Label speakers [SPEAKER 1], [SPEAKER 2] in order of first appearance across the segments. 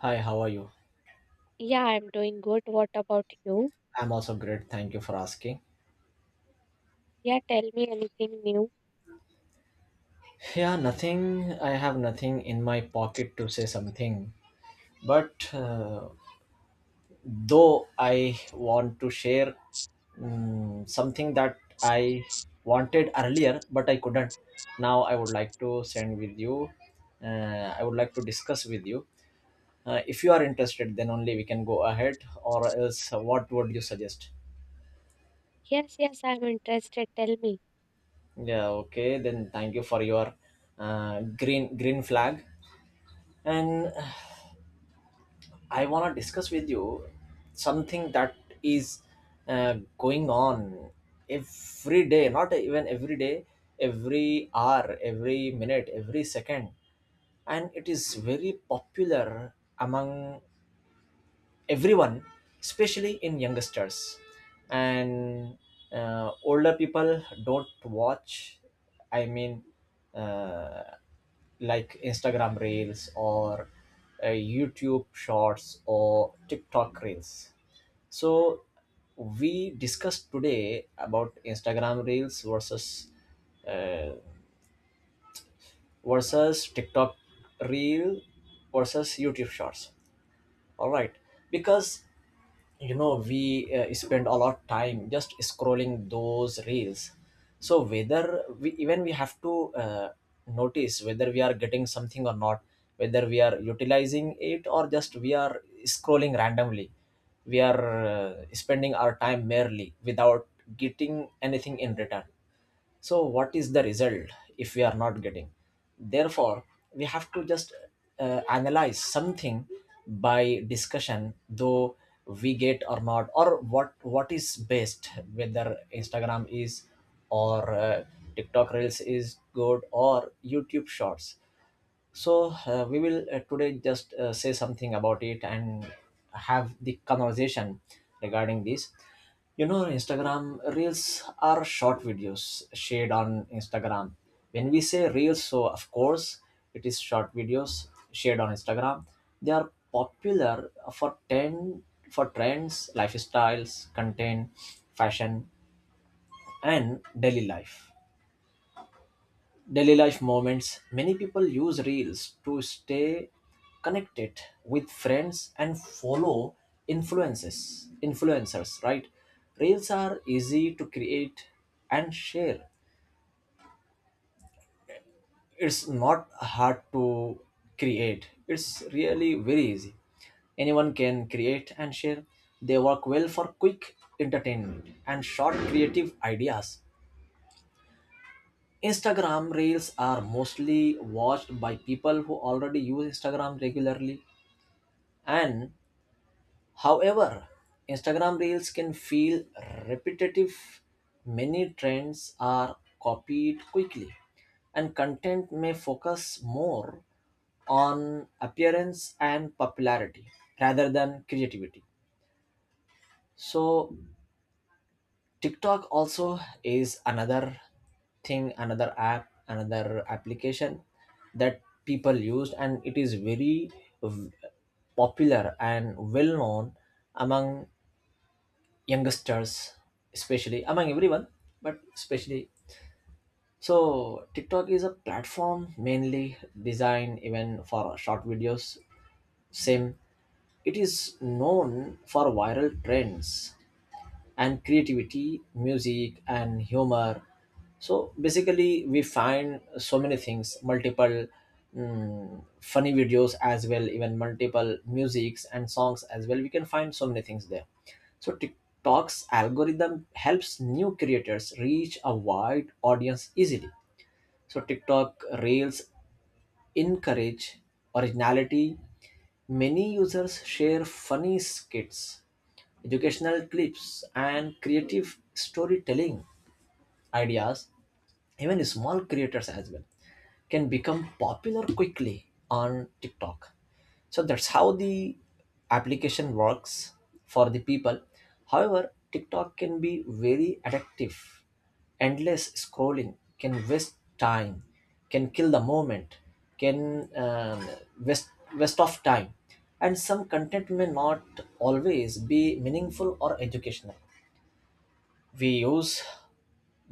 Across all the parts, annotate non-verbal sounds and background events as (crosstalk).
[SPEAKER 1] Hi, how are you?
[SPEAKER 2] Yeah, I'm doing good. What about you?
[SPEAKER 1] I'm also great. Thank you for asking.
[SPEAKER 2] Yeah, tell me anything new.
[SPEAKER 1] Yeah, nothing. I have nothing in my pocket to say something. But though I want to share something that I wanted earlier, but I couldn't. Now I would like to send with you. I would like to discuss with you. If you are interested, then only we can go ahead. Or else, what would you suggest?
[SPEAKER 2] Yes, yes, I'm interested. Tell me.
[SPEAKER 1] Yeah, okay. Then thank you for your green flag. And I want to discuss with you something that is going on every day, not even every day, every hour, every minute, every second. And it is very popular among everyone, especially in youngsters. And older people don't watch, I mean, uh, like Instagram Reels or YouTube Shorts or TikTok Reels. So we discussed today about Instagram Reels versus uh, versus TikTok Reel versus YouTube Shorts. All right, because we spend a lot of time just scrolling those reels. So whether we, even we have to notice whether we are getting something or not, whether we are utilizing it or just we are scrolling randomly. We are spending our time merely without getting anything in return. So what is the result if we are not getting? Therefore, we have to just analyze something by discussion, though we get or not, or what is best, whether Instagram is or TikTok Reels is good or YouTube Shorts. So we will today just say something about it and have the conversation regarding this. You know, Instagram reels are short videos shared on Instagram. When we say reels, so of course it is short videos shared on Instagram. They are popular for trends, lifestyles, content, fashion, and daily life moments. Many people use reels to stay connected with friends and follow influences influencers, right? Reels are easy to create and share. It's not hard to create, it's really very easy. Anyone can create and share. They work well for quick entertainment and short creative ideas. Instagram reels are mostly watched by people who already use Instagram regularly. And however, Instagram reels can feel repetitive. Many trends are copied quickly, and content may focus more on appearance and popularity rather than creativity. So, TikTok also is another thing, another app, another application that people used, and it is very v- popular and well known among youngsters, especially among everyone, but especially. So, TikTok is a platform mainly designed even for short videos. Same, it is known for viral trends and creativity, music, and humor. So basically, we find so many things, multiple funny videos as well, even multiple musics and songs as well. We can find so many things there. So TikTok's algorithm helps new creators reach a wide audience easily. So TikTok Reels encourage originality. Many users share funny skits, educational clips, and creative storytelling ideas. Even small creators as well can become popular quickly on TikTok. So that's how the application works for the people. However, TikTok can be very addictive. Endless scrolling can waste time, can kill the moment, can waste waste of time, and some content may not always be meaningful or educational. We use,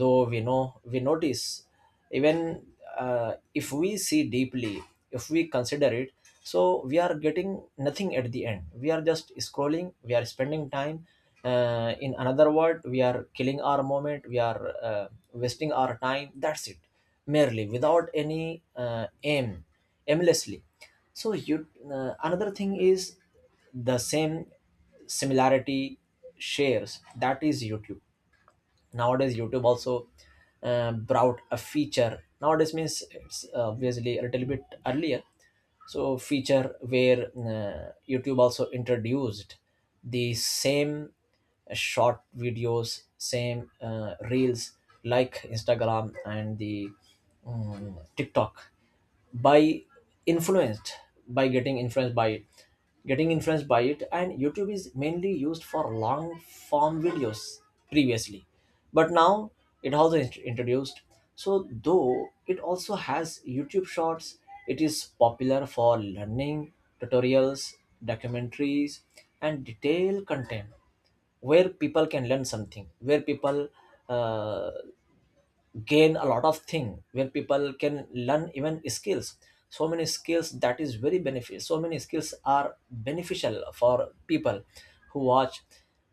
[SPEAKER 1] though we know, we notice. Even if we see deeply, if we consider it, so we are getting nothing at the end. We are just scrolling, we are spending time. Uh, in another word, we are killing our moment, we are wasting our time, that's it, merely without any aim, aimlessly. So you another thing is the same similarity shares, that is YouTube. Nowadays YouTube also brought a feature. Nowadays means it's obviously a little bit earlier. So feature where YouTube also introduced the same short videos, same reels like Instagram and the TikTok, by influenced by getting influenced by it. And YouTube is mainly used for long form videos previously, but now it also introduced, so though it also has YouTube Shorts. It is popular for learning, tutorials, documentaries, and detailed content where people can learn something, where people uh, gain a lot of thing, where people can learn even skills. So many skills that is very beneficial, so many skills are beneficial for people who watch.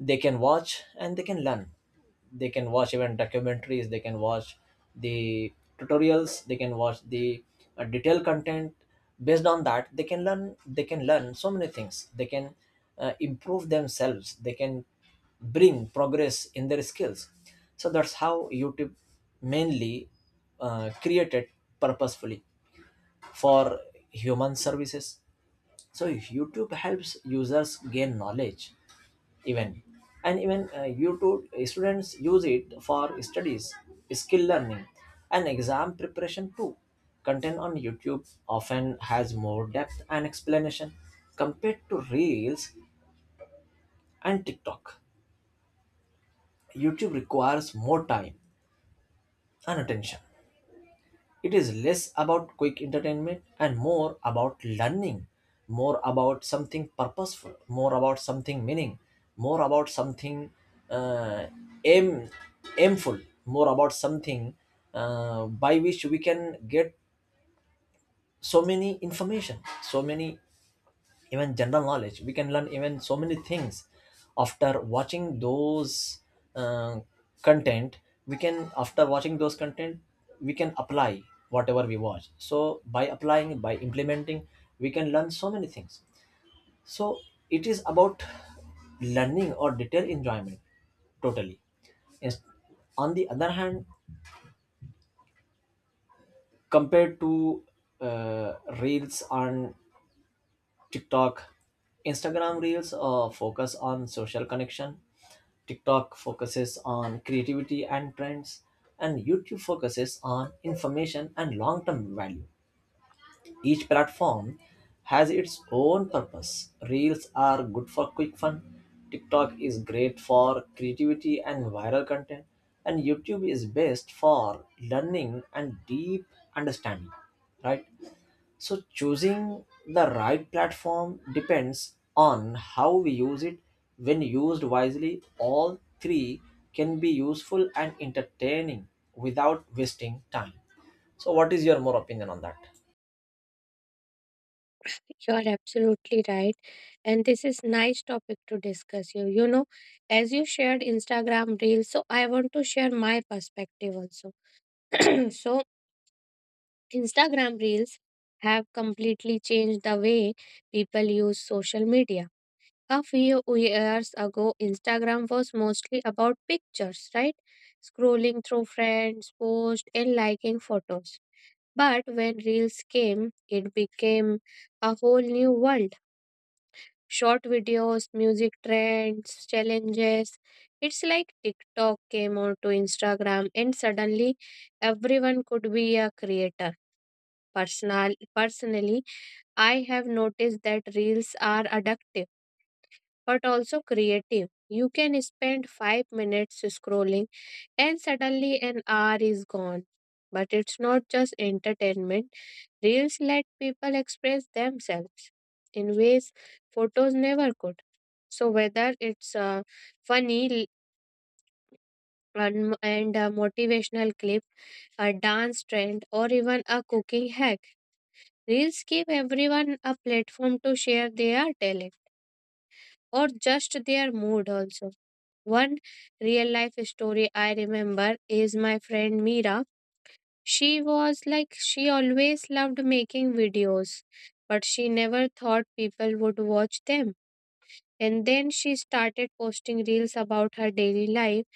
[SPEAKER 1] They can watch and they can learn. They can watch even documentaries, they can watch the tutorials, they can watch the detailed content. Based on that, they can learn, they can learn so many things. They can improve themselves, they can bring progress in their skills. So that's how YouTube mainly created purposefully for human services. So YouTube helps users gain knowledge even. And even YouTube students use it for studies, skill learning, and exam preparation too. Content on YouTube often has more depth and explanation compared to reels and TikTok. YouTube requires more time and attention. It is less about quick entertainment and more about learning, more about something purposeful, more about something meaning, more about something uh, aim, aimful, more about something by which we can get so many information, so many even general knowledge. We can learn even so many things after watching those uh, content. We can, after watching those content, we can apply whatever we watch. So by applying, by implementing, we can learn so many things. So it is about learning or detail enjoyment totally. Ins- on the other hand, compared to uh, reels on TikTok, Instagram Reels focus on social connection. TikTok focuses on creativity and trends, and YouTube focuses on information and long term value. Each platform has its own purpose. Reels are good for quick fun, TikTok is great for creativity and viral content, and YouTube is best for learning and deep understanding, right? So choosing the right platform depends on how we use it. When used wisely, all three can be useful and entertaining without wasting time. So what is your more opinion on that?
[SPEAKER 2] You are absolutely right. And this is nice topic to discuss you. You know, as you shared Instagram Reels, so I want to share my perspective also. (clears throat) So Instagram Reels have completely changed the way people use social media. A few years ago, Instagram was mostly about pictures, right? Scrolling through friends' posts and liking photos. But when Reels came, it became a whole new world. Short videos, music trends, challenges. It's like TikTok came onto Instagram and suddenly everyone could be a creator. Personally, I have noticed that Reels are addictive but also creative. You can spend 5 minutes scrolling and suddenly an hour is gone. But it's not just entertainment, reels let people express themselves in ways photos never could. So, whether it's a funny l- and a motivational clip, a dance trend, or even a cooking hack, reels give everyone a platform to share their talent or just their mood also. One real life story I remember is my friend Mira. She always loved making videos, but she never thought people would watch them. And then she started posting reels about her daily life,